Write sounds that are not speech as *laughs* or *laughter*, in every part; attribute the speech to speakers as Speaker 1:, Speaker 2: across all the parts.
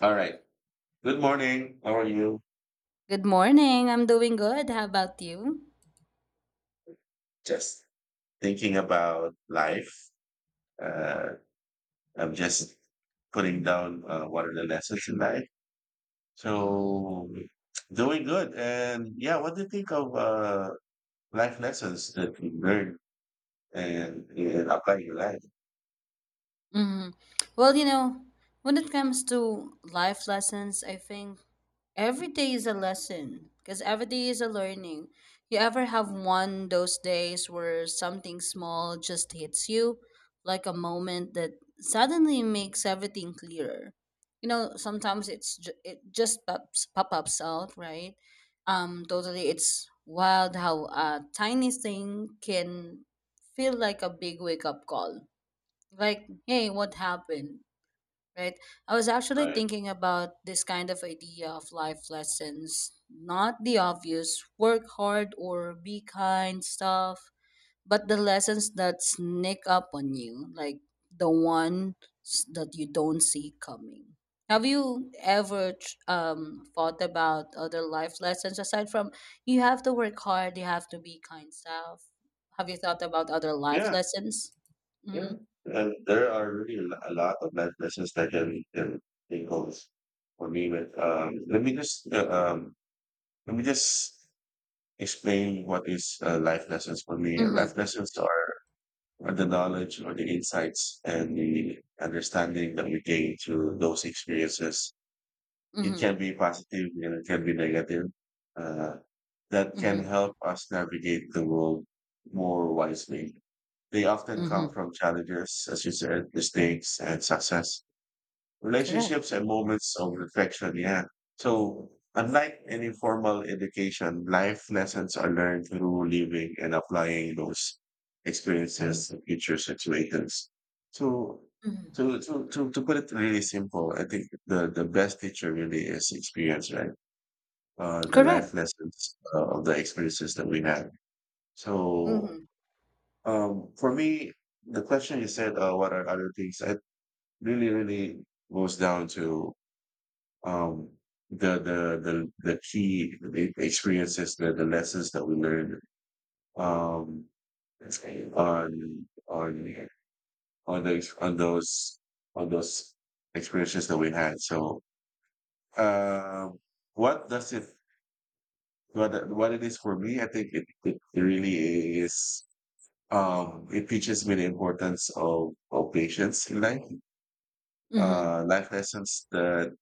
Speaker 1: All right. Good morning. How are you?
Speaker 2: Good morning. I'm doing good. How about you?
Speaker 1: Just thinking about life. Uh, I'm just putting down what are the lessons in life.
Speaker 2: hmm
Speaker 1: So doing good. And yeah, what do you think of life lessons that you learn and apply in your life?
Speaker 2: hmm Well, you know, when it comes to life lessons, I think every day is a lesson because every day is a learning. You ever have one those days where something small just hits you, like a moment that suddenly makes everything clearer. You know, sometimes it just pops pop ups out, right? Totally, it's wild how a tiny thing can feel like a big wake up call. Like, hey, what happened? Right. I was actually
Speaker 1: Right.
Speaker 2: thinking about this kind of idea of life lessons, not the obvious work hard or be kind stuff, but the lessons that sneak up on you, like the ones that you don't see coming. Have you ever thought about other life lessons aside from you have to work hard, you have to be kind stuff? Have you thought about other life
Speaker 1: Yeah.
Speaker 2: lessons?
Speaker 1: Yeah.
Speaker 2: Mm-hmm.
Speaker 1: And there are really a lot of life lessons that can take hold for me. But let me just explain what is life lessons for me. Life
Speaker 2: Mm-hmm.
Speaker 1: lessons are the knowledge or the insights and the understanding that we gain through those experiences. It
Speaker 2: Mm-hmm.
Speaker 1: can be positive and it can be negative. Uh, that can
Speaker 2: Mm-hmm.
Speaker 1: help us navigate the world more wisely. They often come
Speaker 2: Mm-hmm.
Speaker 1: from challenges, as you said, mistakes and success,
Speaker 2: Correct.
Speaker 1: relationships and moments of reflection. Yeah. So, unlike any formal education, life lessons are learned through living and applying those experiences to future situations. So,
Speaker 2: Mhm.
Speaker 1: to put it really simple, I think the best teacher really is experience, right? The
Speaker 2: Correct.
Speaker 1: life lessons of the experiences that we have. So,
Speaker 2: Mhm.
Speaker 1: for me, the question you said, what are other things? I really goes down to um, the key experiences, the lessons that we learned um, on on those on those on those experiences that we had. So, um, what does it what it is for me? I think it really is. It teaches me the importance of patience in life.
Speaker 2: Mhm.
Speaker 1: Life lessons,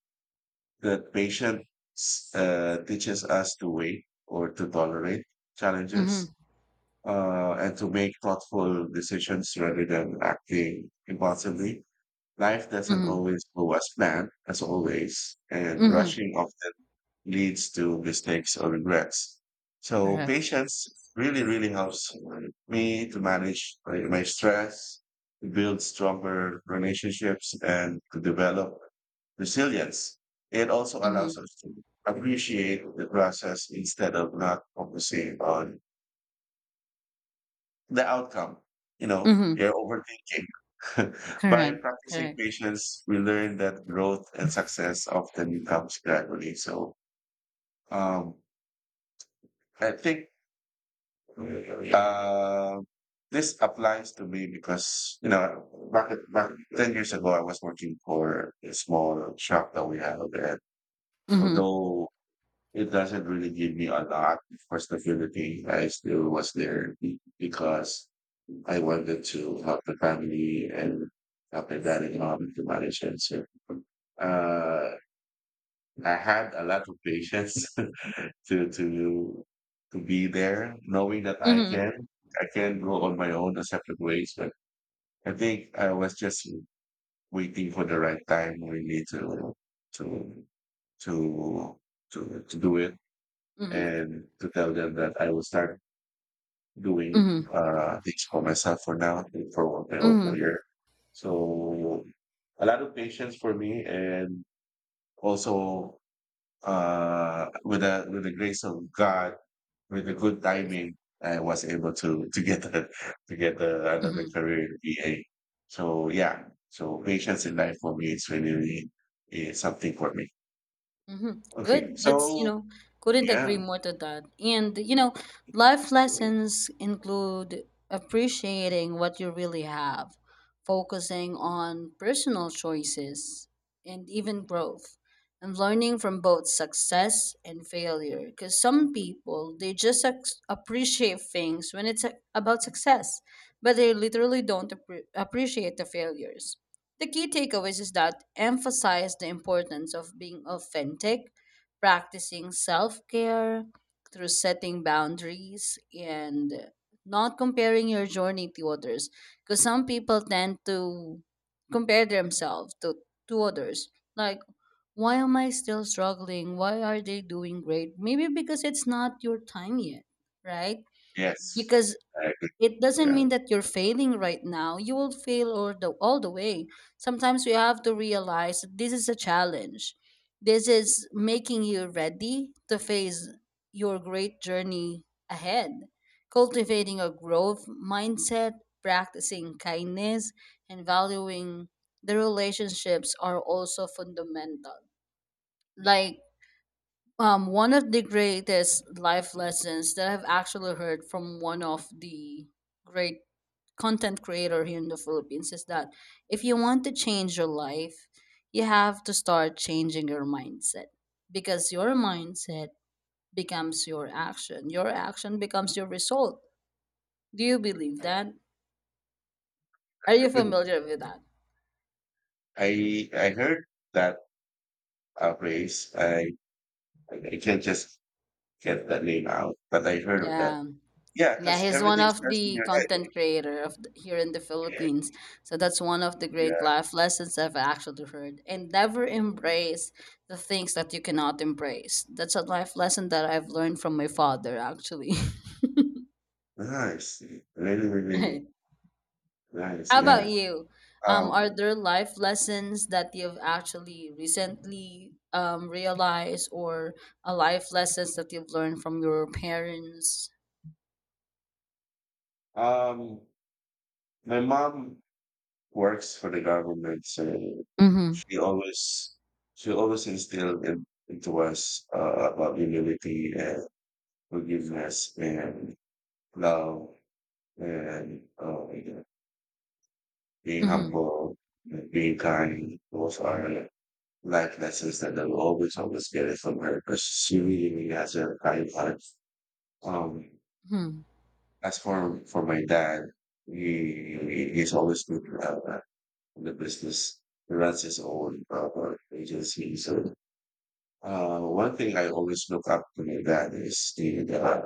Speaker 1: the patience teaches us to wait or to tolerate challenges,
Speaker 2: Mhm.
Speaker 1: and to make thoughtful decisions rather than acting impulsively. Life doesn't
Speaker 2: Mhm.
Speaker 1: always go as planned, as always, and
Speaker 2: Mhm.
Speaker 1: rushing often leads to mistakes or regrets. So
Speaker 2: Correct.
Speaker 1: patience really helps me to manage, like, my stress, to build stronger relationships, and to develop resilience. It also allows
Speaker 2: Mhm.
Speaker 1: us to appreciate the process instead of not focusing on the outcome. You know,
Speaker 2: Mhm.
Speaker 1: you're overthinking. *laughs* By
Speaker 2: Correct.
Speaker 1: practicing
Speaker 2: Correct.
Speaker 1: patience, we learn that growth and success often comes gradually. So, um, I think uh, this applies to me because you know back 10 years ago I was working for a small shop that we have, and
Speaker 2: Mhm.
Speaker 1: although it doesn't really give me a lot for stability. I still was there because I wanted to help the family and help my dad and mom to manage it. So, uh, I had a lot of patience *laughs* to to to be there, knowing that
Speaker 2: Mhm.
Speaker 1: I can go on my own a separate ways. But I think I was just waiting for the right time really to to to do it
Speaker 2: Mhm.
Speaker 1: and to tell them that I will start doing
Speaker 2: Mhm.
Speaker 1: things for myself for now, for my own
Speaker 2: Mhm.
Speaker 1: career. So a lot of patience for me, and also with the grace of God, with the good
Speaker 2: Of course.
Speaker 1: timing, I was able to get a, another
Speaker 2: Mhm.
Speaker 1: career in VA. So yeah, so patience in life for me is really is something for me.
Speaker 2: Mm-hmm.
Speaker 1: Okay,
Speaker 2: Good.
Speaker 1: so
Speaker 2: Couldn't
Speaker 1: yeah,
Speaker 2: agree more to that. And, you know, life lessons include appreciating what you really have, focusing on personal choices and even growth, and learning from both success and failure. Because some people, they appreciate things when it's about success, but they literally don't appreciate the failures. The key takeaways is that emphasize the importance of being authentic, practicing self-care through setting boundaries and not comparing your journey to others because some people tend to compare themselves to others, like, why am I still struggling? Why are they doing great? Maybe because it's not your time yet, right?
Speaker 1: yes,
Speaker 2: Because
Speaker 1: I agree.
Speaker 2: it doesn't
Speaker 1: Yeah,
Speaker 2: mean that you're failing right now. You will fail all the way. Sometimes you have to realize that this is a challenge. This is making you ready to face your great journey ahead. Cultivating a growth mindset, practicing kindness, and valuing the relationships are also fundamental. Like, one of the greatest life lessons that I've actually heard from one of the great content creator here in the Philippines is that if you want to change your life, you have to start changing your mindset because your mindset becomes your action. Your action becomes your result. Do you believe that? Are you
Speaker 1: good.
Speaker 2: familiar with that?
Speaker 1: I heard that phrase. I can't just get that name out, but I heard of that.
Speaker 2: Yeah.
Speaker 1: Yeah,
Speaker 2: Yeah,
Speaker 1: because
Speaker 2: he's one
Speaker 1: everything
Speaker 2: of
Speaker 1: starts in
Speaker 2: the
Speaker 1: your head.
Speaker 2: content creator of here in the Philippines. So that's one of the great
Speaker 1: Yeah,
Speaker 2: life lessons I've actually heard. And never embrace the things that you cannot embrace. That's a life lesson that I've learned from my father, actually. *laughs*
Speaker 1: nice, really, really
Speaker 2: Right.
Speaker 1: nice.
Speaker 2: How about
Speaker 1: Yeah.
Speaker 2: you? Are
Speaker 1: Um,
Speaker 2: there life lessons that you've actually recently realized, or a life lessons that you've learned from your parents?
Speaker 1: um, my mom works for the government, so
Speaker 2: Mm-hmm.
Speaker 1: she always she always instilled into us about humility and forgiveness and love and being
Speaker 2: Mm-hmm.
Speaker 1: humble, and being kind, those are life lessons that I'll always, always get it from her because she really has a kind heart. Um,
Speaker 2: Mm-hmm.
Speaker 1: as for my dad, he's always good to have that in the business. He runs his own agency. So one thing I always look up to my dad is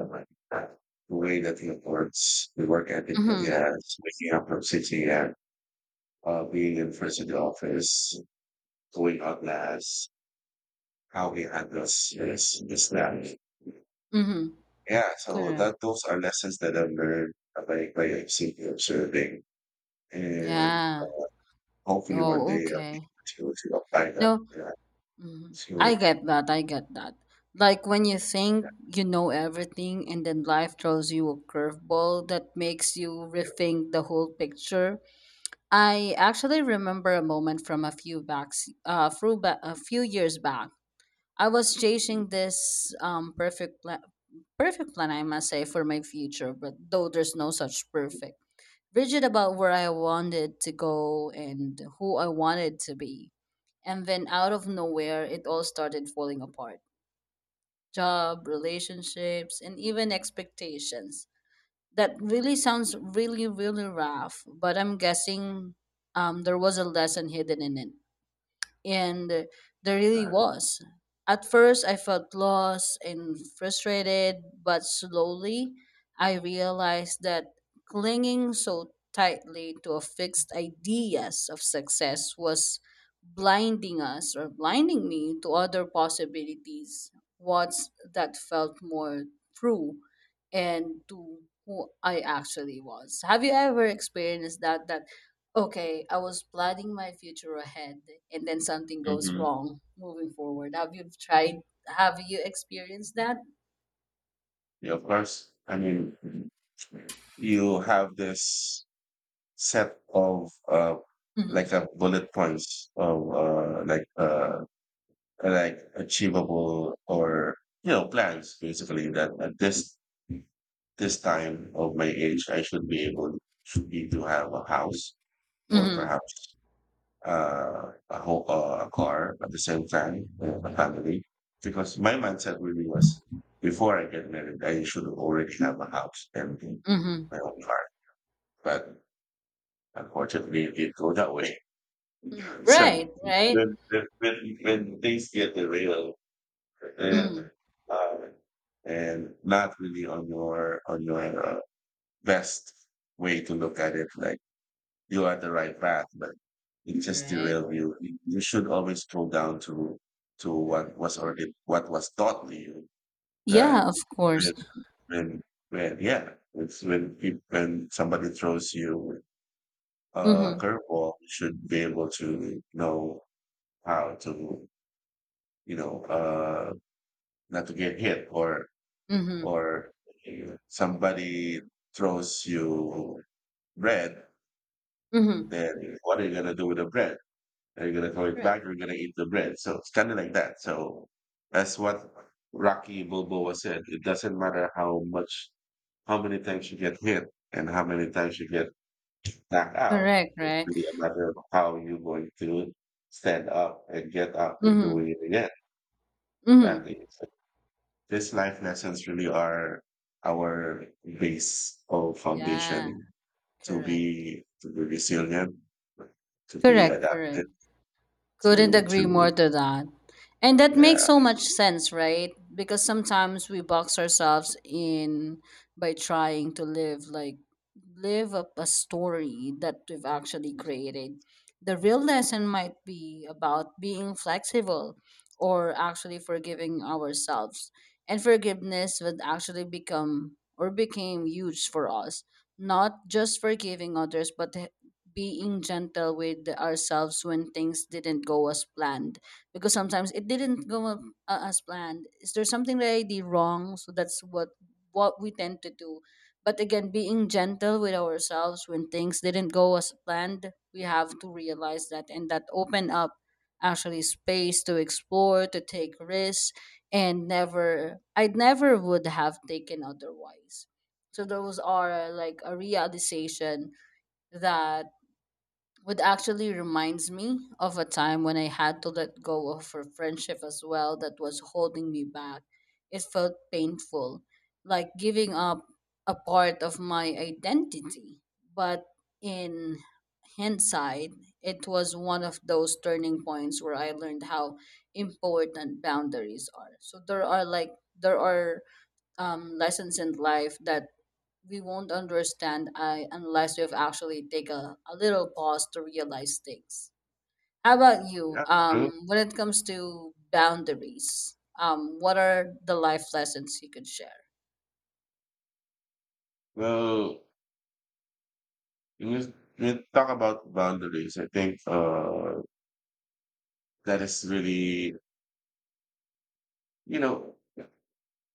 Speaker 1: the way that he works, the work ethic that he
Speaker 2: Mm-hmm.
Speaker 1: has, waking up from six a.m., being in first in the office, going out last, how we handle this, this, that.
Speaker 2: Mm-hmm.
Speaker 1: Yeah, so
Speaker 2: Correct.
Speaker 1: that those are lessons that I've learned by simply observing, and
Speaker 2: Yeah.
Speaker 1: hopefully one
Speaker 2: Oh,
Speaker 1: day I'll be
Speaker 2: okay.
Speaker 1: able to apply that.
Speaker 2: No,
Speaker 1: Yeah,
Speaker 2: mhm.
Speaker 1: to
Speaker 2: I
Speaker 1: it.
Speaker 2: get that. I get that. Like when you think you know everything and then life throws you a curveball that makes you rethink the whole picture. I actually remember a moment from a few years back. I was chasing this perfect plan, I must say, for my future, but though there's no such perfect rigid about where I wanted to go and who I wanted to be. And then out of nowhere, it all started falling apart: job, relationships, and even expectations. That really sounds really, really rough, but I'm guessing there was a lesson hidden in it and there really was. At first, I felt lost and frustrated, but slowly I realized that clinging so tightly to a fixed ideas of success was blinding us or blinding me to other possibilities, what's that felt more true and to who I actually was. Have you ever experienced that? Okay, I was planning my future ahead and then something goes
Speaker 1: Hmm.
Speaker 2: wrong moving forward. Have you experienced that?
Speaker 1: Yeah, of course. I mean, you have this set of
Speaker 2: Mm-hmm.
Speaker 1: like a bullet points of like achievable or you know plans basically that at this time of my age, I should be able, should be to have a house, or
Speaker 2: Mm-hmm.
Speaker 1: perhaps a car at the same time, a family. Because my mindset really was, before I get married, I should already have a house and
Speaker 2: Mm-hmm.
Speaker 1: my own car. But unfortunately, it didn't go that way. *laughs*
Speaker 2: Mm
Speaker 1: So
Speaker 2: right, right.
Speaker 1: when things get derailed and,
Speaker 2: Mm-hmm.
Speaker 1: uh, and not really on your best way to look at it. Like, you are the
Speaker 2: Mm-hmm.
Speaker 1: right path, but it just
Speaker 2: Correct,
Speaker 1: derailed you. You should always go down to
Speaker 2: correct.
Speaker 1: what was already, what was taught to you. That
Speaker 2: Yeah, of
Speaker 1: when
Speaker 2: course.
Speaker 1: when when yeah, it's when peop when somebody throws you a
Speaker 2: Mm-hmm.
Speaker 1: curveball, you should be able to know how to, you know, not to get hit,
Speaker 2: Mm-hmm.
Speaker 1: or somebody throws you bread.
Speaker 2: Mm-hmm.
Speaker 1: Then what are you gonna do with the bread? Are you gonna throw it
Speaker 2: Correct.
Speaker 1: back or are you gonna eat the bread? So it's kind of like that. So that's what Rocky Balboa said. It doesn't matter how much, how many times you get hit and how many times you get knocked out.
Speaker 2: Correct,
Speaker 1: It's
Speaker 2: right?
Speaker 1: really a matter of how you're going to stand up and get up and
Speaker 2: Mm-hmm.
Speaker 1: doing it again.
Speaker 2: Mm-hmm.
Speaker 1: Exactly. So these life lessons really are our base or
Speaker 2: Yeah,
Speaker 1: foundation to
Speaker 2: correct.
Speaker 1: be, resilient, to be
Speaker 2: Correct, correct.
Speaker 1: adaptive.
Speaker 2: Couldn't agree
Speaker 1: To
Speaker 2: more to that. And that
Speaker 1: Yeah,
Speaker 2: makes so much sense, right? Because sometimes we box ourselves in by trying to live up a story that we've actually created. The real lesson might be about being flexible or actually forgiving ourselves. And forgiveness would actually become or became huge for us. Not just forgiving others, but being gentle with ourselves when things didn't go as planned because sometimes it didn't as planned. Is there something that I did wrong? So that's what we tend to do. But again, being gentle with ourselves when things didn't go as planned, we have to realize that, and that open up actually space to explore, to take risks, and never I never would have taken otherwise. So those are like a realization that what actually reminds me of a time when I had to let go of a friendship as well that was holding me back. It felt painful, like giving up a part of my identity. But in hindsight, it was one of those turning points where I learned how important boundaries are. So there are like there are lessons in life that we won't understand unless we've actually take a little pause to realize things. How about you?
Speaker 1: yeah, true.
Speaker 2: When it comes to boundaries, what are the life lessons you could share?
Speaker 1: Well, when you, talk about boundaries, I think that is really, you know,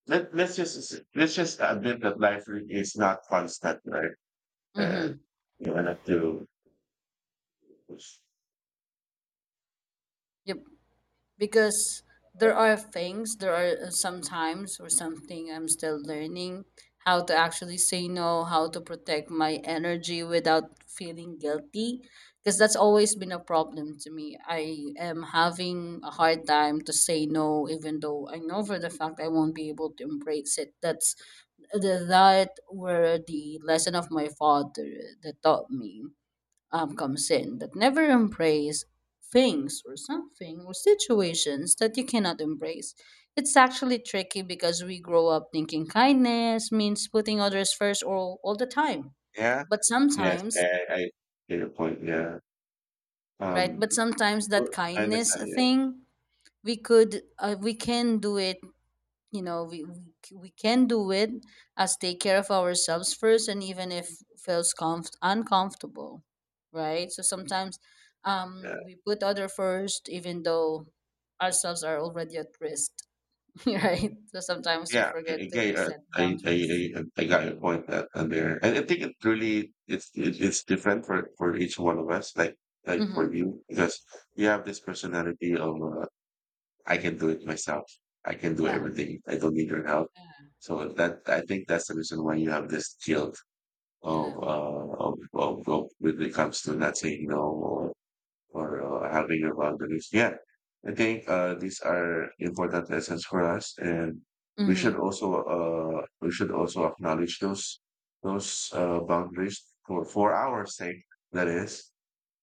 Speaker 1: let let's just let's just admit that life is not constant, right? And
Speaker 2: Mm-hmm.
Speaker 1: you want to.
Speaker 2: Yep. Because there are things, there are sometimes or something I'm still learning how to actually say no, how to protect my energy without feeling guilty, because that's always been a problem to me. I am having a hard time to say no even though I know for the fact I won't be able to embrace it. That were the lesson of my father that taught me, comes in that never embrace things or something or situations that you cannot embrace. It's actually tricky because we grow up thinking kindness means putting others first all the time.
Speaker 1: Yeah,
Speaker 2: But
Speaker 1: yes,
Speaker 2: sometimes,
Speaker 1: I get your point, yeah.
Speaker 2: right?
Speaker 1: Um,
Speaker 2: But sometimes that
Speaker 1: I
Speaker 2: kindness
Speaker 1: understand, yeah.
Speaker 2: thing, we can do it, you know, we can do it as take care of ourselves first and even if feels uncomfortable, right? So sometimes,
Speaker 1: Yeah.
Speaker 2: we put other first even though ourselves are already at risk. *laughs* Right, so sometimes we
Speaker 1: Yeah, I,
Speaker 2: forget to
Speaker 1: again,
Speaker 2: set boundaries.
Speaker 1: I got your point that there. And I think it really it's, it, it's different for each one of us. Like, for
Speaker 2: Mm-hmm.
Speaker 1: you, because you have this personality of I can do it myself. I can do
Speaker 2: Yeah,
Speaker 1: everything. I don't need your help.
Speaker 2: yeah.
Speaker 1: So that I think that's the reason why you have this guilt of
Speaker 2: Yeah.
Speaker 1: of when it comes to not saying no for having your boundaries. Yeah, I think these are important lessons for us, and
Speaker 2: Mm-hmm.
Speaker 1: we should also acknowledge those boundaries for our sake. That is,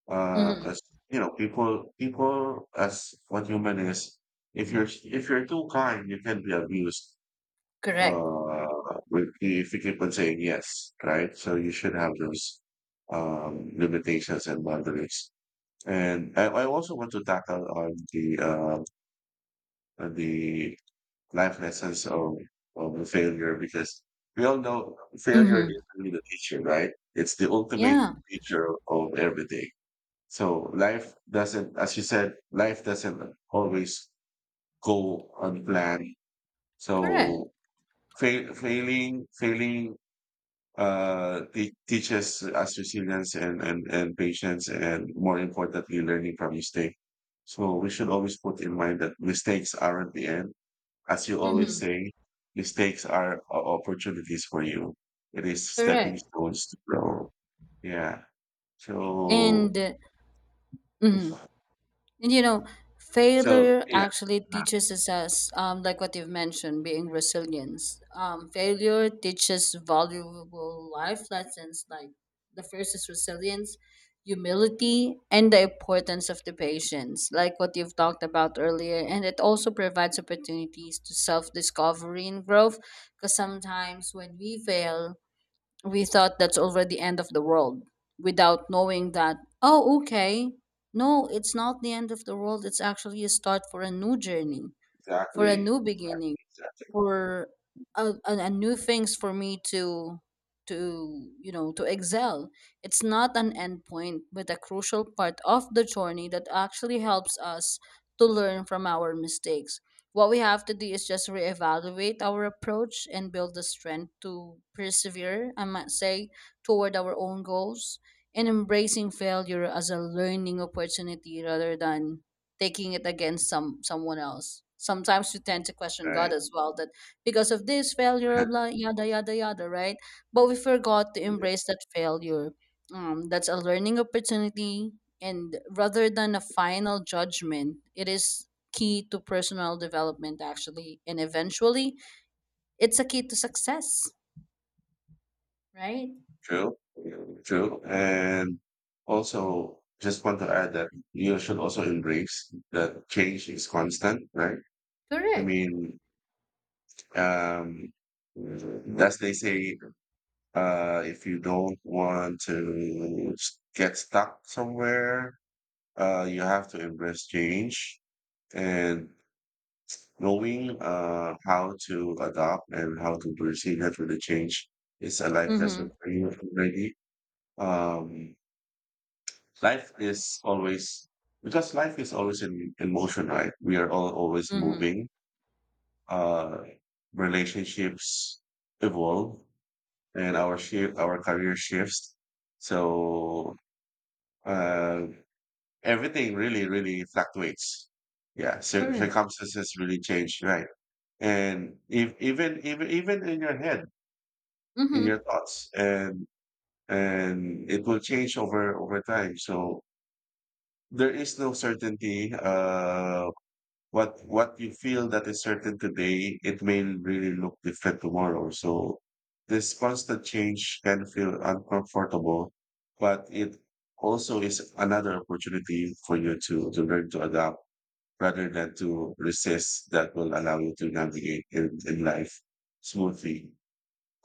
Speaker 2: Mm-hmm.
Speaker 1: as you know, people as what human is. If you're, too kind, you can be abused.
Speaker 2: Correct,
Speaker 1: Uh, if you keep on saying yes, right? So you should have those limitations and boundaries. And I
Speaker 2: correct.
Speaker 1: also want to tackle on the on the life lessons of the failure, because we all know failure
Speaker 2: Mm-hmm.
Speaker 1: is really the teacher, right? It's the ultimate
Speaker 2: Yeah,
Speaker 1: teacher of everything. So life doesn't, as you said, life doesn't always go on plan.
Speaker 2: correct.
Speaker 1: So failing teaches us resilience, and patience, and more importantly, learning from mistake. So we should always put in mind that mistakes aren't the end. As you always
Speaker 2: Mm-hmm.
Speaker 1: say, mistakes are opportunities for you. It is stepping
Speaker 2: Correct.
Speaker 1: stones to grow. Yeah. So,
Speaker 2: And mhm. And you know,
Speaker 1: so
Speaker 2: failure
Speaker 1: yeah,
Speaker 2: actually
Speaker 1: uh,
Speaker 2: teaches us, like what you've mentioned, being resilience. Failure teaches valuable life lessons, like the first is resilience, humility, and the importance of the patience, like what you've talked about earlier. And it also provides opportunities to self discovery and growth, because sometimes when we fail, we thought that's already the end of the world without knowing that, oh okay, no, it's not the end of the world, it's actually a start for a new journey, for a
Speaker 1: exactly.
Speaker 2: new beginning,
Speaker 1: Exactly.
Speaker 2: for a new things for me to you know to excel. It's not an end point but a crucial part of the journey that actually helps us to learn from our mistakes. What we have to do is just reevaluate our approach and build the strength to persevere, I might say, toward our own goals, and embracing failure as a learning opportunity rather than taking it against someone else. Sometimes we tend to question God
Speaker 1: Right.
Speaker 2: as well that because of this failure, blah yada yada yada, right? But we forgot to
Speaker 1: *laughs*
Speaker 2: embrace that failure. That's a learning opportunity, and rather than a final judgment, it is key to personal development actually, and eventually, it's a key to success, right?
Speaker 1: True, true. And also, just want to add that you should also embrace that change is constant, right? I
Speaker 2: Correct.
Speaker 1: mean, um, as they say, if you don't want to get stuck somewhere, you have to embrace change, and knowing how to adapt and how to proceed with the change is a life lesson
Speaker 2: Mm-hmm.
Speaker 1: for you already. Um, life is always Because life is always in motion, right? We are all always
Speaker 2: Mm-hmm.
Speaker 1: moving. uh Relationships evolve, and our shift our career shifts, so uh everything really, really fluctuates, yeah.
Speaker 2: Correct.
Speaker 1: Circumstances really change, right? And if even even even in your head, in
Speaker 2: Mm-hmm.
Speaker 1: your thoughts, and it will change over time. So there is no certainty. What you feel that is certain today, it may really look different tomorrow. So this constant change can feel uncomfortable, but it also is another opportunity for you to learn to adapt rather than to resist, that will allow you to navigate in life smoothly.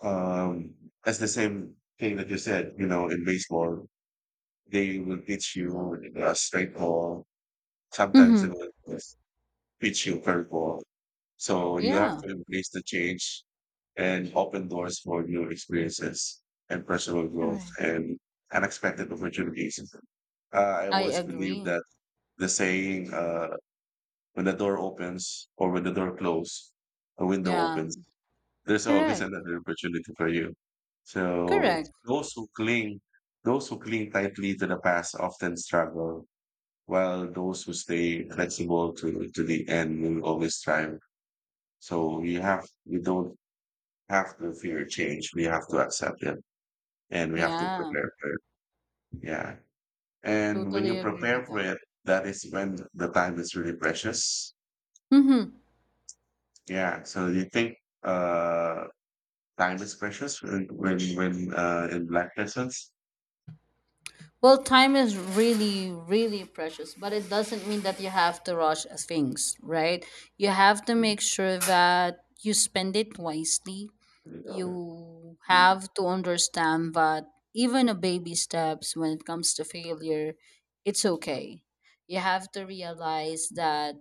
Speaker 1: Um, that's the same thing that you said, you know, in baseball, they will teach you a straight ball. Sometimes they
Speaker 2: Mm-hmm.
Speaker 1: will teach you curveball, so you have
Speaker 2: Yeah.
Speaker 1: to embrace the change and open doors for new experiences and personal growth
Speaker 2: Correct.
Speaker 1: and unexpected opportunities. I
Speaker 2: I
Speaker 1: always believe
Speaker 2: agree.
Speaker 1: that the saying, when the door opens or when the door closes, a window
Speaker 2: Yeah.
Speaker 1: opens, there's always *laughs*
Speaker 2: Correct.
Speaker 1: another opportunity for you. So
Speaker 2: Correct.
Speaker 1: those who cling tightly to the past often struggle, while those who stay flexible to the end will always thrive. So you don't have to fear change. We have to accept it and we have to
Speaker 2: Yeah,
Speaker 1: prepare for it. Yeah. And when you
Speaker 2: totally agree
Speaker 1: prepare
Speaker 2: with
Speaker 1: for
Speaker 2: that.
Speaker 1: it, that is when the time is really precious.
Speaker 2: Mm-hmm.
Speaker 1: Yeah. So you think uh time is precious when in black persons?
Speaker 2: Well, time is really, really precious, but it doesn't mean that you have to rush things, right? You have to
Speaker 1: Mm.
Speaker 2: make sure that you spend it wisely. You
Speaker 1: Mm.
Speaker 2: have to understand that even a baby steps when it comes to failure, it's okay. You have to realize that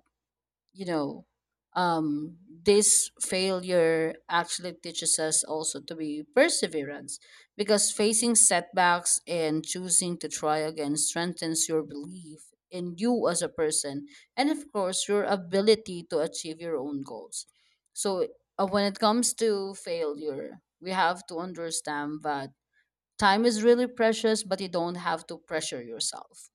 Speaker 2: you know um this failure actually teaches us also to be perseverance, because facing setbacks and choosing to try again strengthens your belief in you as a person, and of course your ability to achieve your own goals. So when it comes to failure, we have to understand that time is really precious, but you don't have to pressure yourself.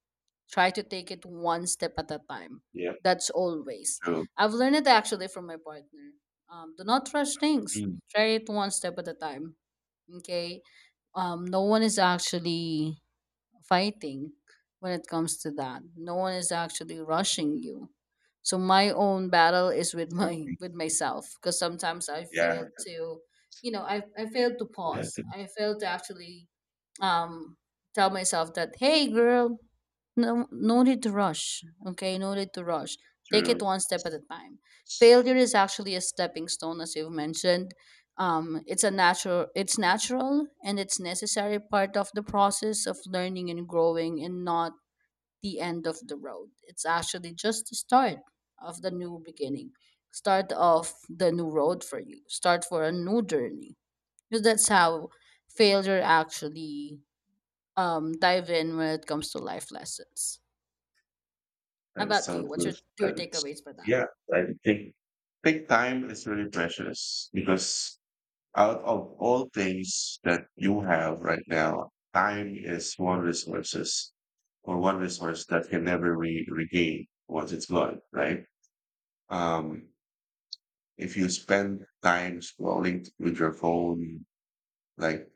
Speaker 2: Try to take it one step at a time.
Speaker 1: Yeah,
Speaker 2: That's always—
Speaker 1: true.
Speaker 2: I've learned it actually from my partner. Do not rush things.
Speaker 1: Mm.
Speaker 2: Try it one step at a time. Okay. No one is actually fighting. When it comes to that, no one is actually rushing you. So my own battle is with my
Speaker 1: Exactly.
Speaker 2: *laughs* with myself, because sometimes I
Speaker 1: Yeah,
Speaker 2: fail to— I fail to
Speaker 1: I
Speaker 2: pause,
Speaker 1: think
Speaker 2: I fail to actually um, tell myself that, hey girl, no, no need to rush. Okay, no need to rush. Take it
Speaker 1: true.
Speaker 2: one step at a time. Failure is actually a stepping stone, as you've mentioned. It's a natural— and it's necessary part of the process of learning and growing, and not the end of the road. It's actually just the start of the new beginning, start of the new road for you, start for a new journey. Because that's how failure actually dive in when it comes to life lessons. How
Speaker 1: That is
Speaker 2: about
Speaker 1: so
Speaker 2: you? What's your
Speaker 1: good.
Speaker 2: two takeaways for that?
Speaker 1: Yeah, I think time is really precious because out of all things that you have right now, time is one resource that can never be regained once it's gone, right? Um, if you spend time scrolling with your phone, like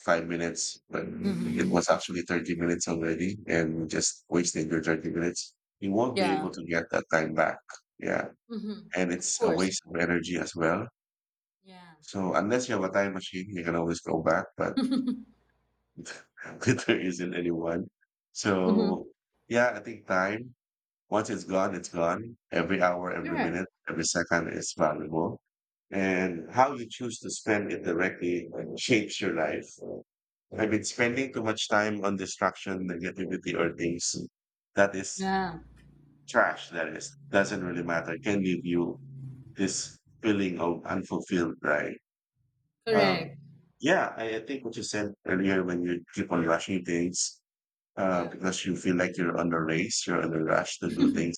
Speaker 1: 5 minutes, but
Speaker 2: Hmm.
Speaker 1: it was actually 30 minutes already, and you just wasted your 30 minutes, you won't be
Speaker 2: Yeah.
Speaker 1: able to get that time back. Yeah.
Speaker 2: Mm-hmm.
Speaker 1: And
Speaker 2: Of
Speaker 1: it's a
Speaker 2: course.
Speaker 1: waste of energy as well.
Speaker 2: Yeah.
Speaker 1: So unless you have a time machine, you can always go back, but
Speaker 2: *laughs* Mm-hmm.
Speaker 1: *laughs* there isn't anyone. So yeah, I think time, once it's gone, it's gone. Every hour, every
Speaker 2: Correct.
Speaker 1: minute, every second is valuable. And how you choose to spend it directly, like, shapes your life. I've been spending too much time on distraction, negativity, or things that is
Speaker 2: Yeah.
Speaker 1: trash, that is, doesn't really matter, can give you this feeling of unfulfilled, right? Um,
Speaker 2: Correct.
Speaker 1: yeah, I think what you said earlier when you keep on rushing things,
Speaker 2: Yeah.
Speaker 1: because you feel like you're on a race, you're on a rush to do things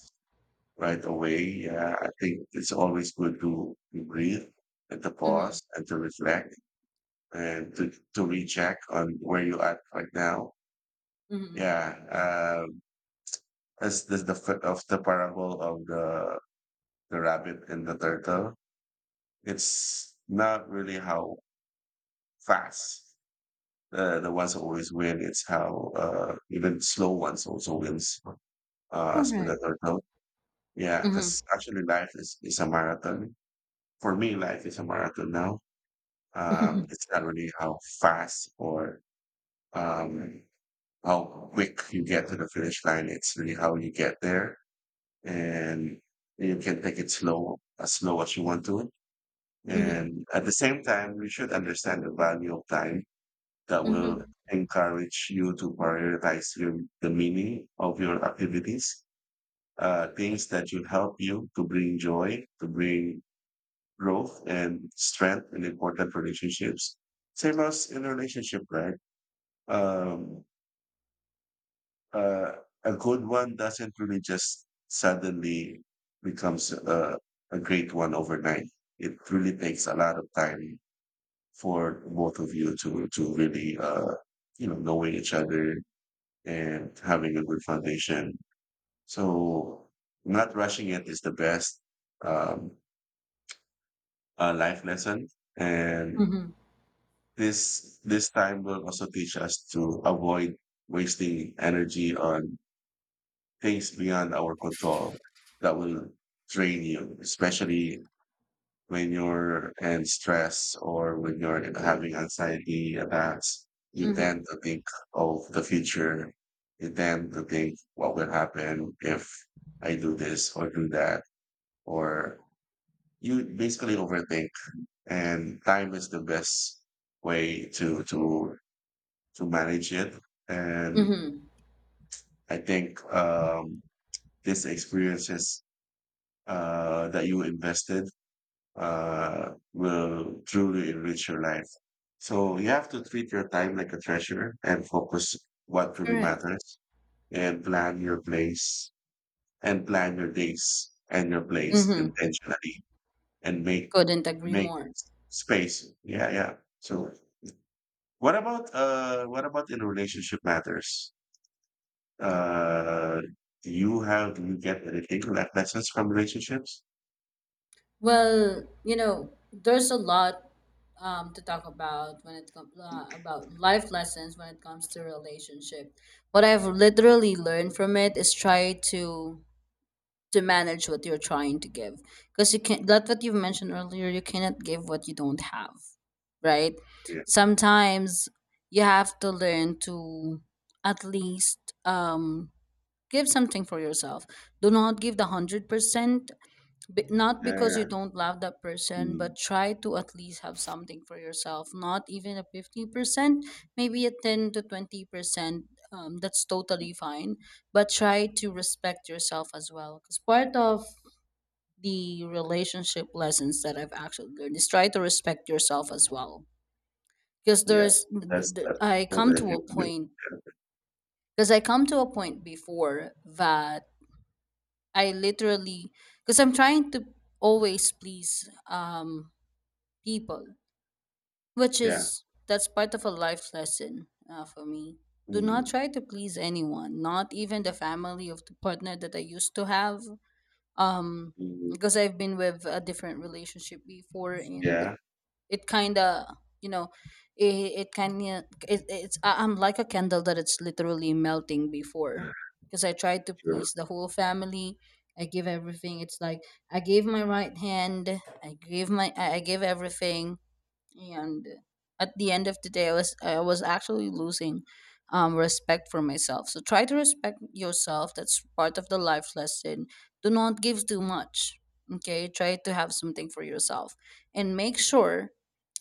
Speaker 1: right away. Yeah, I think it's always good to breathe and to
Speaker 2: Mm-hmm.
Speaker 1: pause and to reflect and to recheck on where you at right now.
Speaker 2: Mm-hmm.
Speaker 1: Yeah, um, that's of the parable of the rabbit and the turtle. It's not really how fast the ones always win. It's how, even slow ones also wins, as with the
Speaker 2: Correct.
Speaker 1: turtle. Yeah,
Speaker 2: Mm-hmm.
Speaker 1: because actually life is a marathon. For me, life is a marathon now.
Speaker 2: *laughs*
Speaker 1: It's not really how fast or, um, how quick you get to the finish line. It's really how you get there. And you can take it slow as you want to.
Speaker 2: Mm-hmm.
Speaker 1: And at the same time, you should understand the value of time that will
Speaker 2: Mm-hmm.
Speaker 1: encourage you to prioritize the meaning of your activities,
Speaker 2: Yeah.
Speaker 1: things that will help you to bring joy, to bring growth and strength in important relationships. Same as in a relationship, right? Um, uh, a good one doesn't really just suddenly becomes a great one overnight. It really takes a lot of time for both of you to really, knowing each other and having a good foundation. So not rushing it is the best, um, life lesson, and
Speaker 2: Mm-hmm.
Speaker 1: this time will also teach us to avoid wasting energy on things beyond our control that will drain you, especially when you're in stress or when you're having anxiety attacks. You
Speaker 2: Mm-hmm.
Speaker 1: tend to think of the future. You tend to think what will happen if I do this or do that, or you basically overthink. And time is the best way to manage it. And
Speaker 2: Mm-hmm.
Speaker 1: I think, this experiences, that you invested, will truly enrich your life. So you have to treat your time like a treasure and focus what truly
Speaker 2: Correct.
Speaker 1: matters and plan your place and plan your days and your place
Speaker 2: Mm-hmm.
Speaker 1: intentionally and make
Speaker 2: Couldn't agree
Speaker 1: make
Speaker 2: more.
Speaker 1: space. Yeah, yeah. So what about in relationship matters? Uh, you get anything like lessons from relationships?
Speaker 2: Well, you know, there's a lot to talk about when it comes about life lessons when it comes to relationship. What I've literally learned from it is try to— to manage what you're trying to give, because you can't. That's what you've mentioned earlier, you cannot give what you don't have, right?
Speaker 1: Yeah.
Speaker 2: Sometimes you have to learn to at least give something for yourself. Do not give the 100%, b- not because you
Speaker 1: Yeah.
Speaker 2: don't love that person, but
Speaker 1: Mm.
Speaker 2: try to at least have something for yourself. Not even a 50%, maybe a 10 to 20%. That's totally fine, but try to respect yourself as well, because part of the relationship lessons that I've actually learned is try to respect yourself as well. Because
Speaker 1: Yeah.
Speaker 2: there's—
Speaker 1: That's that's
Speaker 2: I
Speaker 1: what
Speaker 2: come
Speaker 1: I
Speaker 2: to a
Speaker 1: do. Yeah.
Speaker 2: point— because I come to a point before that, I literally, because I'm trying to always please people, which
Speaker 1: Yeah.
Speaker 2: is— that's part of a life lesson for me. Do not
Speaker 1: Mm.
Speaker 2: try to please anyone, not even the family of the partner that I used to have. Um,
Speaker 1: Mm.
Speaker 2: because I've been with a different relationship before, and
Speaker 1: Yeah.
Speaker 2: it kind of, you know, it kind of— it's I- I'm like a candle that it's literally melting before,
Speaker 1: Yeah.
Speaker 2: because I tried to
Speaker 1: Sure.
Speaker 2: please the whole family. I give everything, it's like I gave my right hand, I gave my— I gave everything. And at the end of the day, I was actually losing respect for myself. So try to respect yourself, that's part of the life lesson. Do not give too much. Okay, try to have something for yourself, and make sure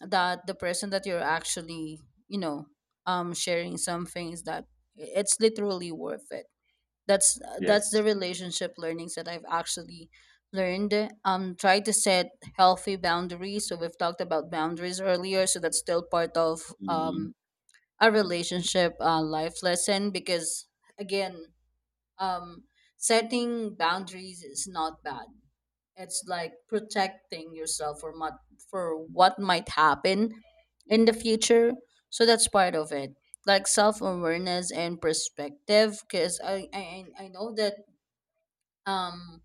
Speaker 2: that the person that you're actually, you know, sharing some things that, it's literally worth it. That's that's the
Speaker 1: Yes.
Speaker 2: relationship learnings that I've actually learned. Try to set healthy boundaries. So we've talked about boundaries earlier. So that's still part of
Speaker 1: Mm.
Speaker 2: um a relationship life lesson, because again, um, setting boundaries is not bad. It's like protecting yourself for what— for what might happen in the future. So that's part of it, like self awareness and perspective, because I know that um,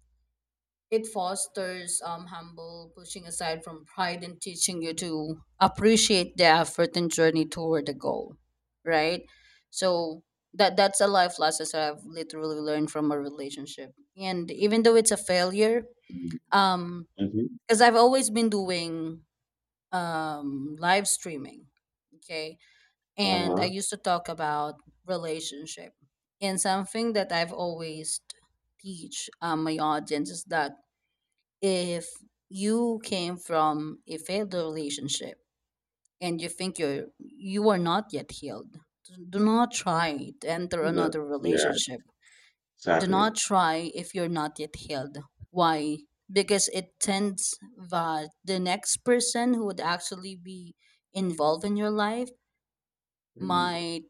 Speaker 2: it fosters humble pushing aside from pride, and teaching you to appreciate the effort and journey toward the goal, right? So that— that's a life lesson that I've literally learned from a relationship, and even though it's a failure,
Speaker 1: Mm.
Speaker 2: um
Speaker 1: Mm-hmm.
Speaker 2: because I've always been doing live streaming, okay, and I
Speaker 1: Uh-huh.
Speaker 2: used to talk about relationship, and something that I've always teach, my audience, is that if you came from a failed relationship, and you think you are not yet healed, do not try to enter
Speaker 1: Yeah.
Speaker 2: another
Speaker 1: Yeah.
Speaker 2: relationship. Do
Speaker 1: Exactly.
Speaker 2: not try if you're not yet healed. Why? Because it tends that the next person who would actually be involved in your life
Speaker 1: Mm.
Speaker 2: might,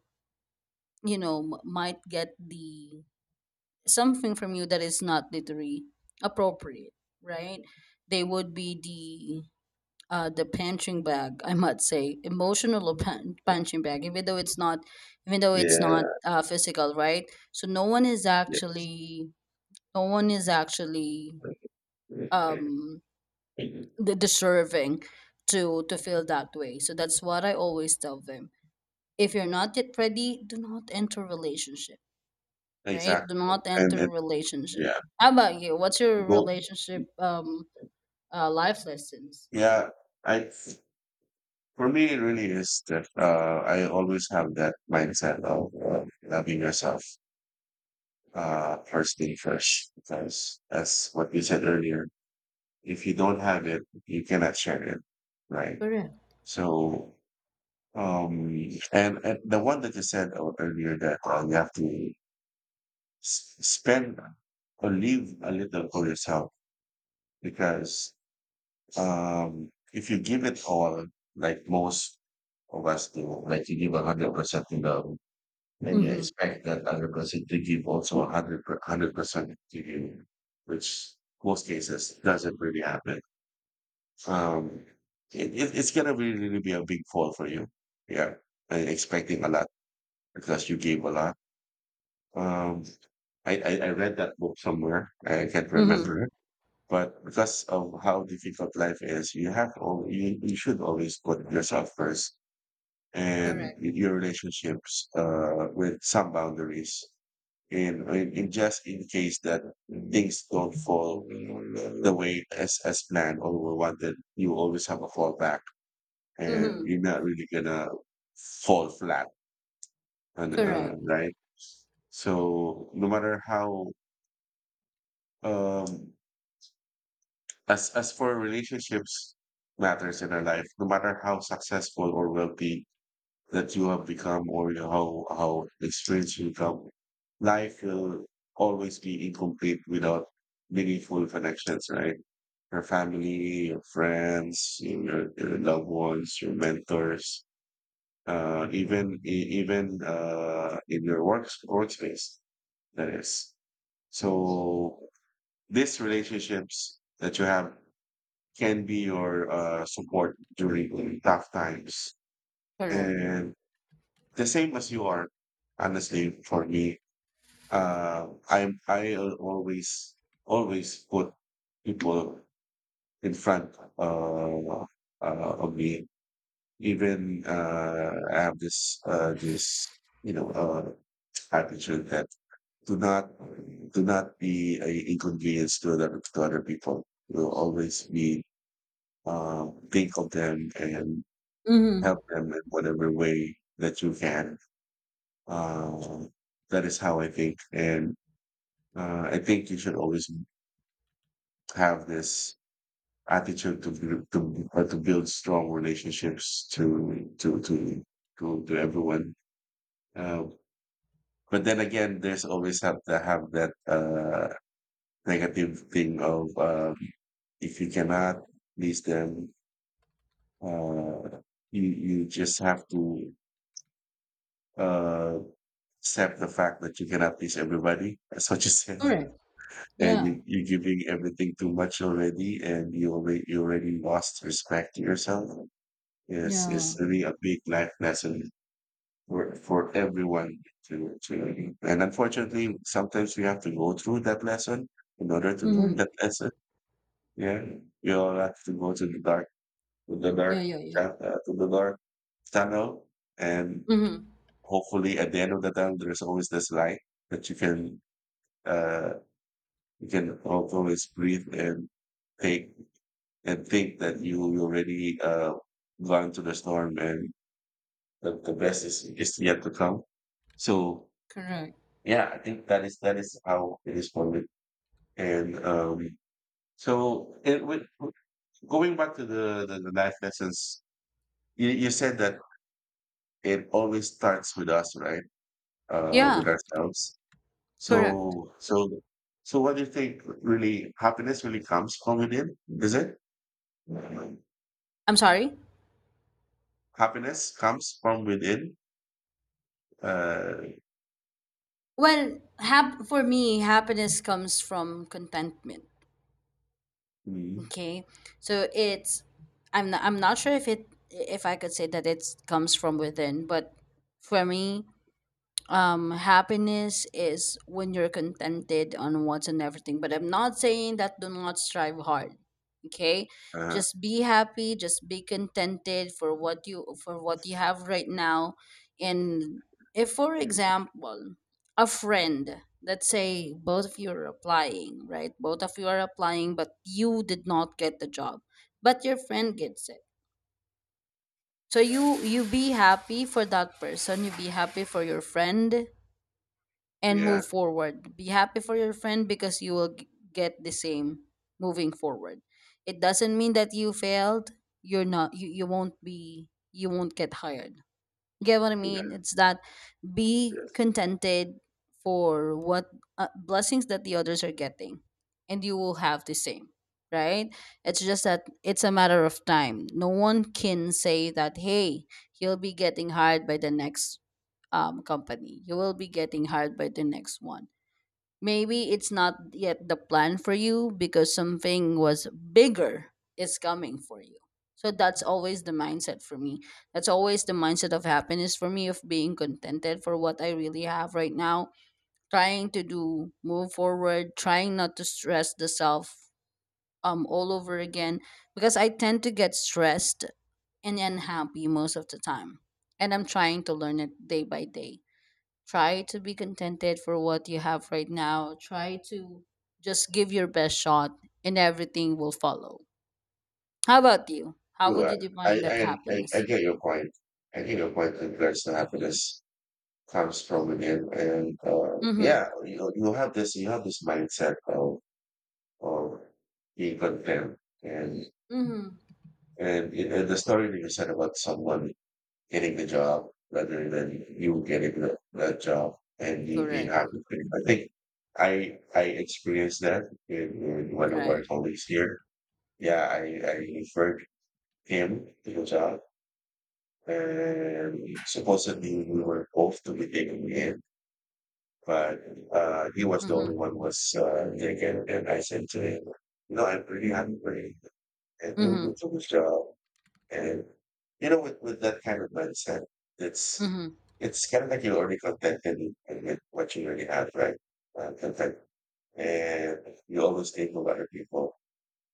Speaker 2: you know, m- might get the— something from you that is not literally appropriate, right? They would be the punching bag, I must say emotional pan- punching bag, even though it's not— even though it's not
Speaker 1: Yeah.
Speaker 2: physical, right? So no one is
Speaker 1: Yes.
Speaker 2: actually— no one is actually um
Speaker 1: Mhm.
Speaker 2: the deserving to— to feel that way. So that's what I always tell them, if you're not yet ready, do not enter relationship, right? Do
Speaker 1: Exactly.
Speaker 2: not
Speaker 1: And,
Speaker 2: enter
Speaker 1: and
Speaker 2: relationship.
Speaker 1: yeah,
Speaker 2: How about you? What's your
Speaker 1: go.
Speaker 2: relationship life lessons?
Speaker 1: Yeah, I for me, it really is that, I always have that mindset of, loving yourself, first thing first, because that's what you said earlier. If you don't have it, you cannot share it, right?
Speaker 2: Correct.
Speaker 1: So, and the one that you said earlier that, you have to spend or leave a little for yourself, because, if you give it all, like most of us do, like you give 100% to love. And you
Speaker 2: Mm-hmm.
Speaker 1: expect that 100% to give also a hundred percent to you, which most cases doesn't really happen. Um, it's gonna be really be a big fall for you. Yeah, and expecting a lot because you gave a lot. Um, I read that book somewhere. I can't
Speaker 2: Mm-hmm.
Speaker 1: remember it, but because of how difficult life is, you should always put yourself first and
Speaker 2: Correct.
Speaker 1: your relationships, with some boundaries, in just in case that things don't fall the way as planned or we wanted, you always have a fallback and
Speaker 2: Mm-hmm.
Speaker 1: you're not really gonna fall flat and,
Speaker 2: Correct,
Speaker 1: right. So no matter how um as for relationships matters in our life, no matter how successful or wealthy that you have become, how experienced you become. Life will always be incomplete without meaningful connections, right? Your family, your friends, your loved ones, your mentors, even even, in your workspace. That is so. These relationships that you have can be your, support during tough times,
Speaker 2: correct.
Speaker 1: and the same as you are, honestly, for me. I always put people in front, of me. Even, I have this, attitude that do not do not be a inconvenience to other people. Will always be, think of them, and
Speaker 2: Mhm.
Speaker 1: help them in whatever way that you can. Um, that is how I think, and, I think you should always have this attitude to build strong relationships to everyone. Uh, but then again, there's always have to have that, negative thing of, if you cannot please them, uh, you just have to, uh, accept the fact that you cannot please everybody. That's what you said.
Speaker 2: Correct.
Speaker 1: And
Speaker 2: Yeah,
Speaker 1: you're giving everything too much already, and you already lost respect to yourself, is
Speaker 2: yeah.
Speaker 1: really a big life lesson for everyone, to and unfortunately sometimes we have to go through that lesson in order to learn
Speaker 2: Mhm.
Speaker 1: that lesson. Yeah, we all have to go to the dark, to the
Speaker 2: Yeah,
Speaker 1: dark
Speaker 2: yeah, yeah.
Speaker 1: to the dark tunnel, and
Speaker 2: Mhm.
Speaker 1: hopefully at the end of the tunnel there's always this light that you can, uh you can always breathe, and take, and think that you already, gone through the storm, and the best is yet to come. So
Speaker 2: Correct.
Speaker 1: yeah, I think that is how it is for me. And, so it, with, with- going back to the life lessons, you said that it always starts with us, right?
Speaker 2: Yeah,
Speaker 1: With ourselves.
Speaker 2: correct.
Speaker 1: So what do you think, really, happiness really comes from within? Is it?
Speaker 2: I'm sorry.
Speaker 1: Happiness comes from within. Uh,
Speaker 2: Well, hap- for me, happiness comes from contentment. Okay, so it's— I'm not sure if it— if I could say that it comes from within, but for me, happiness is when you're contented on what's and everything, but I'm not saying that do not strive hard. Okay,
Speaker 1: Uh-huh.
Speaker 2: just be happy, just be contented for what you— for what you have right now. And if for example a friend, let's say both of you are applying, right, both of you are applying, but you did not get the job, but your friend gets it. So you— you be happy for that person, you be happy for your friend, and
Speaker 1: Yeah,
Speaker 2: move forward. Be happy for your friend, because you will g- get the same moving forward. It doesn't mean that you failed. You're not. You— you won't be, you won't get hired. Get what I
Speaker 1: yeah,
Speaker 2: mean? It's that be
Speaker 1: yes.
Speaker 2: contented for what blessings that the others are getting, and you will have the same. Right? It's just that it's a matter of time. No one can say that, hey, he'll be getting hired by the next company. You will be getting hired by the next one. Maybe it's not yet the plan for you because something was bigger is coming for you. So that's always the mindset for me. That's always the mindset of happiness for me, of being contented for what I really have right now. Trying to do— move forward, trying not to stress the self all over again, because I tend to get stressed and unhappy most of the time. And I'm trying to learn it day by day. Try to be contented for what you have right now. Try to just give your best shot, and everything will follow. How about you? How
Speaker 1: True.
Speaker 2: would
Speaker 1: I,
Speaker 2: you define that
Speaker 1: I, I, I
Speaker 2: happiness?
Speaker 1: get your point. I get your point that the happiness comes from within, and, yeah,
Speaker 2: Mm-hmm.
Speaker 1: you know, you have this mindset of being content, and,
Speaker 2: Mm-hmm.
Speaker 1: and the story that you said about someone getting the job rather than you getting the job and you being
Speaker 2: Correct.
Speaker 1: happy with it. I think I experienced that, in, in one of our
Speaker 2: Right.
Speaker 1: colleagues here. Yeah, I referred him to the job. And supposedly we were both to be taken in, but, he was the only
Speaker 2: Mm-hmm.
Speaker 1: one who was, taken. And I said to him, "No, I'm pretty hungry, and we'll do
Speaker 2: Mm-hmm.
Speaker 1: to the job." And you know, with that kind of mindset, it's
Speaker 2: Mm-hmm.
Speaker 1: it's kind of like you're already contented with what you already have, right? Content, and you always think of other people,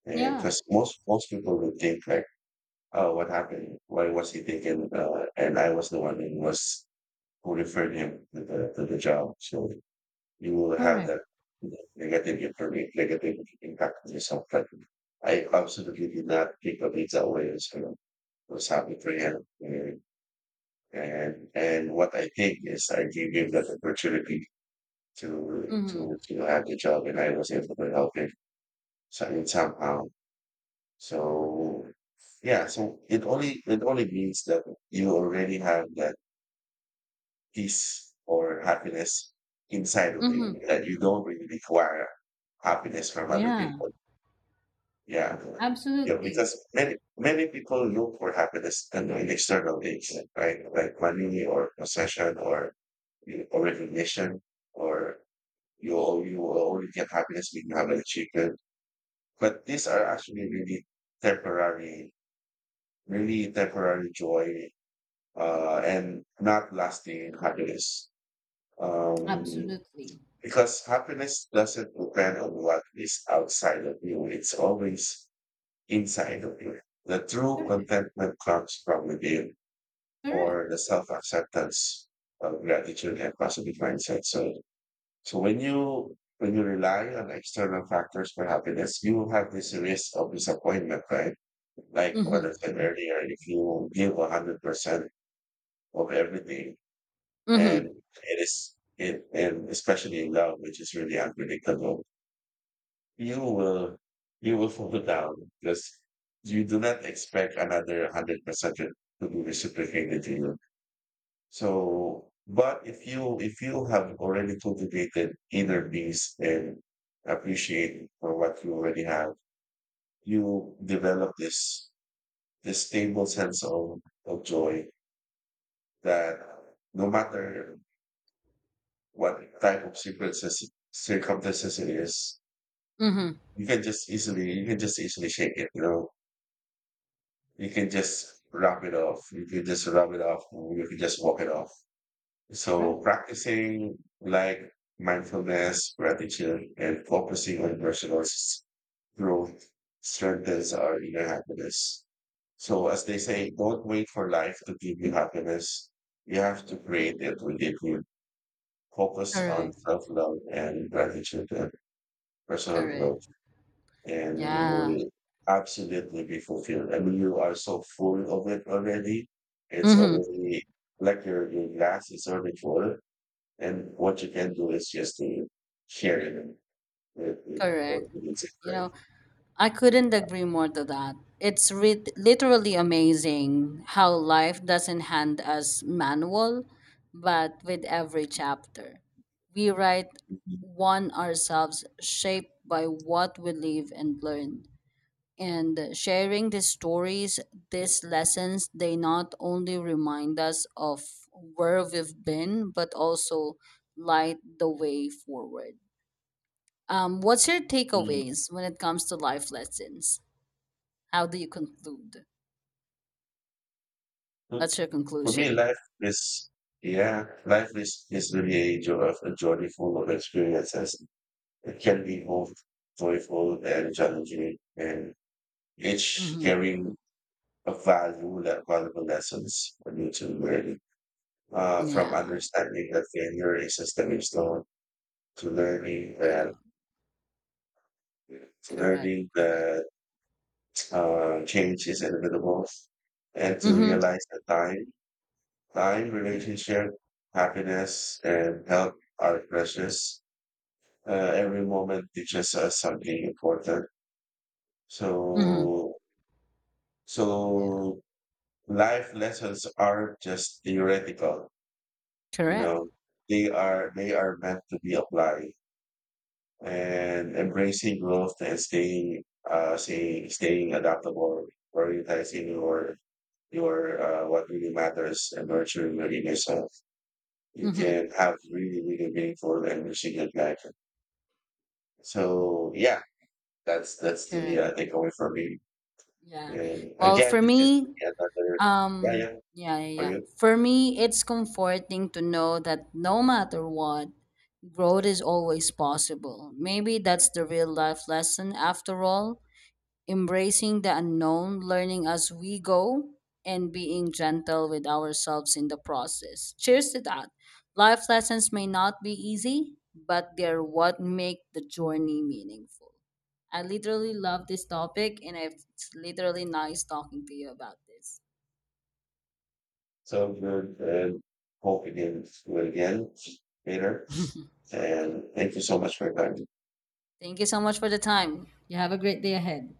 Speaker 1: and
Speaker 2: Yeah.
Speaker 1: because most people will think like, "Oh, what happened? Why was he taken?" And I was the one who referred him to the job. So you will have
Speaker 2: Correct.
Speaker 1: that negative information, negative impact on yourself. But I absolutely did not take the things away. So it was happy for him. And what I think is I gave him that opportunity
Speaker 2: Mm-hmm.
Speaker 1: to have the job, and I was able to help him. So I mean, somehow, so yeah, so it only means that you already have that peace or happiness inside of
Speaker 2: Mm-hmm.
Speaker 1: you that you don't really require happiness from other
Speaker 2: Yeah.
Speaker 1: people. Yeah. Yeah,
Speaker 2: Absolutely.
Speaker 1: because many people look for happiness, in external things, right? Like money or possession, or recognition or, you will only get happiness when you have an achievement. But these are actually temporary really temporary joy, and not lasting happiness. Um,
Speaker 2: Absolutely.
Speaker 1: because happiness doesn't depend on what is outside of you, it's always inside of you. The true
Speaker 2: Correct.
Speaker 1: contentment comes from within
Speaker 2: Correct.
Speaker 1: or the self acceptance of gratitude and positive mindset. So, when you rely on external factors for happiness, you have this risk of disappointment, right? Like what I
Speaker 2: Mm-hmm.
Speaker 1: said earlier, if you give 100% of everything. And
Speaker 2: Mm-hmm.
Speaker 1: it is it and especially in love, which is really unpredictable. You will you will fall down because you do not expect another 100% to be reciprocated to you. So but if you have already cultivated inner peace and appreciate for what you already have, you develop this stable sense of joy that no matter what type of secret circumstances it is.
Speaker 2: Mm-hmm.
Speaker 1: You can just easily shake it, you know. You can just rub it off. You can just rub it off. You can just walk it off. So
Speaker 2: Correct.
Speaker 1: practicing, like, mindfulness, gratitude, and focusing on personal growth strengthens our inner happiness. So as they say, don't wait for life to give you happiness. You have to create it within you. Focus on
Speaker 2: Correct.
Speaker 1: self-love and gratitude and personal
Speaker 2: Correct.
Speaker 1: growth, and you
Speaker 2: Yeah.
Speaker 1: will absolutely be fulfilled. I mean, you are so full of it already. It's
Speaker 2: Mm-hmm.
Speaker 1: already like your glass is already full. And what you can do is just to share it, with what
Speaker 2: Correct.
Speaker 1: you can say,
Speaker 2: You
Speaker 1: right?
Speaker 2: know, I couldn't agree more to that. It's re- literally amazing how life doesn't hand us manual, but with every chapter, we write one ourselves, shaped by what we live and learn. And sharing these stories, these lessons, they not only remind us of where we've been, but also light the way forward. What's your takeaways when it comes to life lessons? How do you conclude?
Speaker 1: Mm.
Speaker 2: What's your
Speaker 1: For me,
Speaker 2: conclusion?
Speaker 1: is, yeah, life is really a journey full of experiences. It can be both joyful and challenging, and each
Speaker 2: Mhm.
Speaker 1: carrying of valuable lessons for you to learn, from
Speaker 2: Yeah.
Speaker 1: understanding that failure is a stepping stone to learning that,
Speaker 2: Yeah.
Speaker 1: to
Speaker 2: Correct.
Speaker 1: learning
Speaker 2: Correct.
Speaker 1: that change is inevitable, and to
Speaker 2: Mhm.
Speaker 1: realize that time,
Speaker 2: Correct.
Speaker 1: relationship, happiness, and health are precious. Every moment teaches us something important.
Speaker 2: Mhm.
Speaker 1: So, so life lessons are just theoretical. You
Speaker 2: Correct.
Speaker 1: know, they are meant to be applied, and embracing growth and staying adaptable, prioritizing your, what really matters, and nurturing your inner self. You
Speaker 2: Mhm.
Speaker 1: can have really, really meaningful and resilient life. So yeah, that's the,
Speaker 2: Correct.
Speaker 1: takeaway for me.
Speaker 2: Yeah.
Speaker 1: And
Speaker 2: Well,
Speaker 1: again,
Speaker 2: for
Speaker 1: this is really
Speaker 2: me,
Speaker 1: another. Yeah,
Speaker 2: um
Speaker 1: yeah,
Speaker 2: yeah, yeah,
Speaker 1: for
Speaker 2: yeah.
Speaker 1: you.
Speaker 2: For me, it's comforting to know that no matter what, growth is always possible. Maybe that's the real life lesson after all. Embracing the unknown, learning as we go, and being gentle with ourselves in the process. Cheers to that. Life lessons may not be easy, but they're what make the journey meaningful. I literally love this topic, and I- it's literally nice talking to you about this.
Speaker 1: So good, and hope we can do it again later. And thank you so much for your time.
Speaker 2: Thank you so much for the time. You have a great day ahead.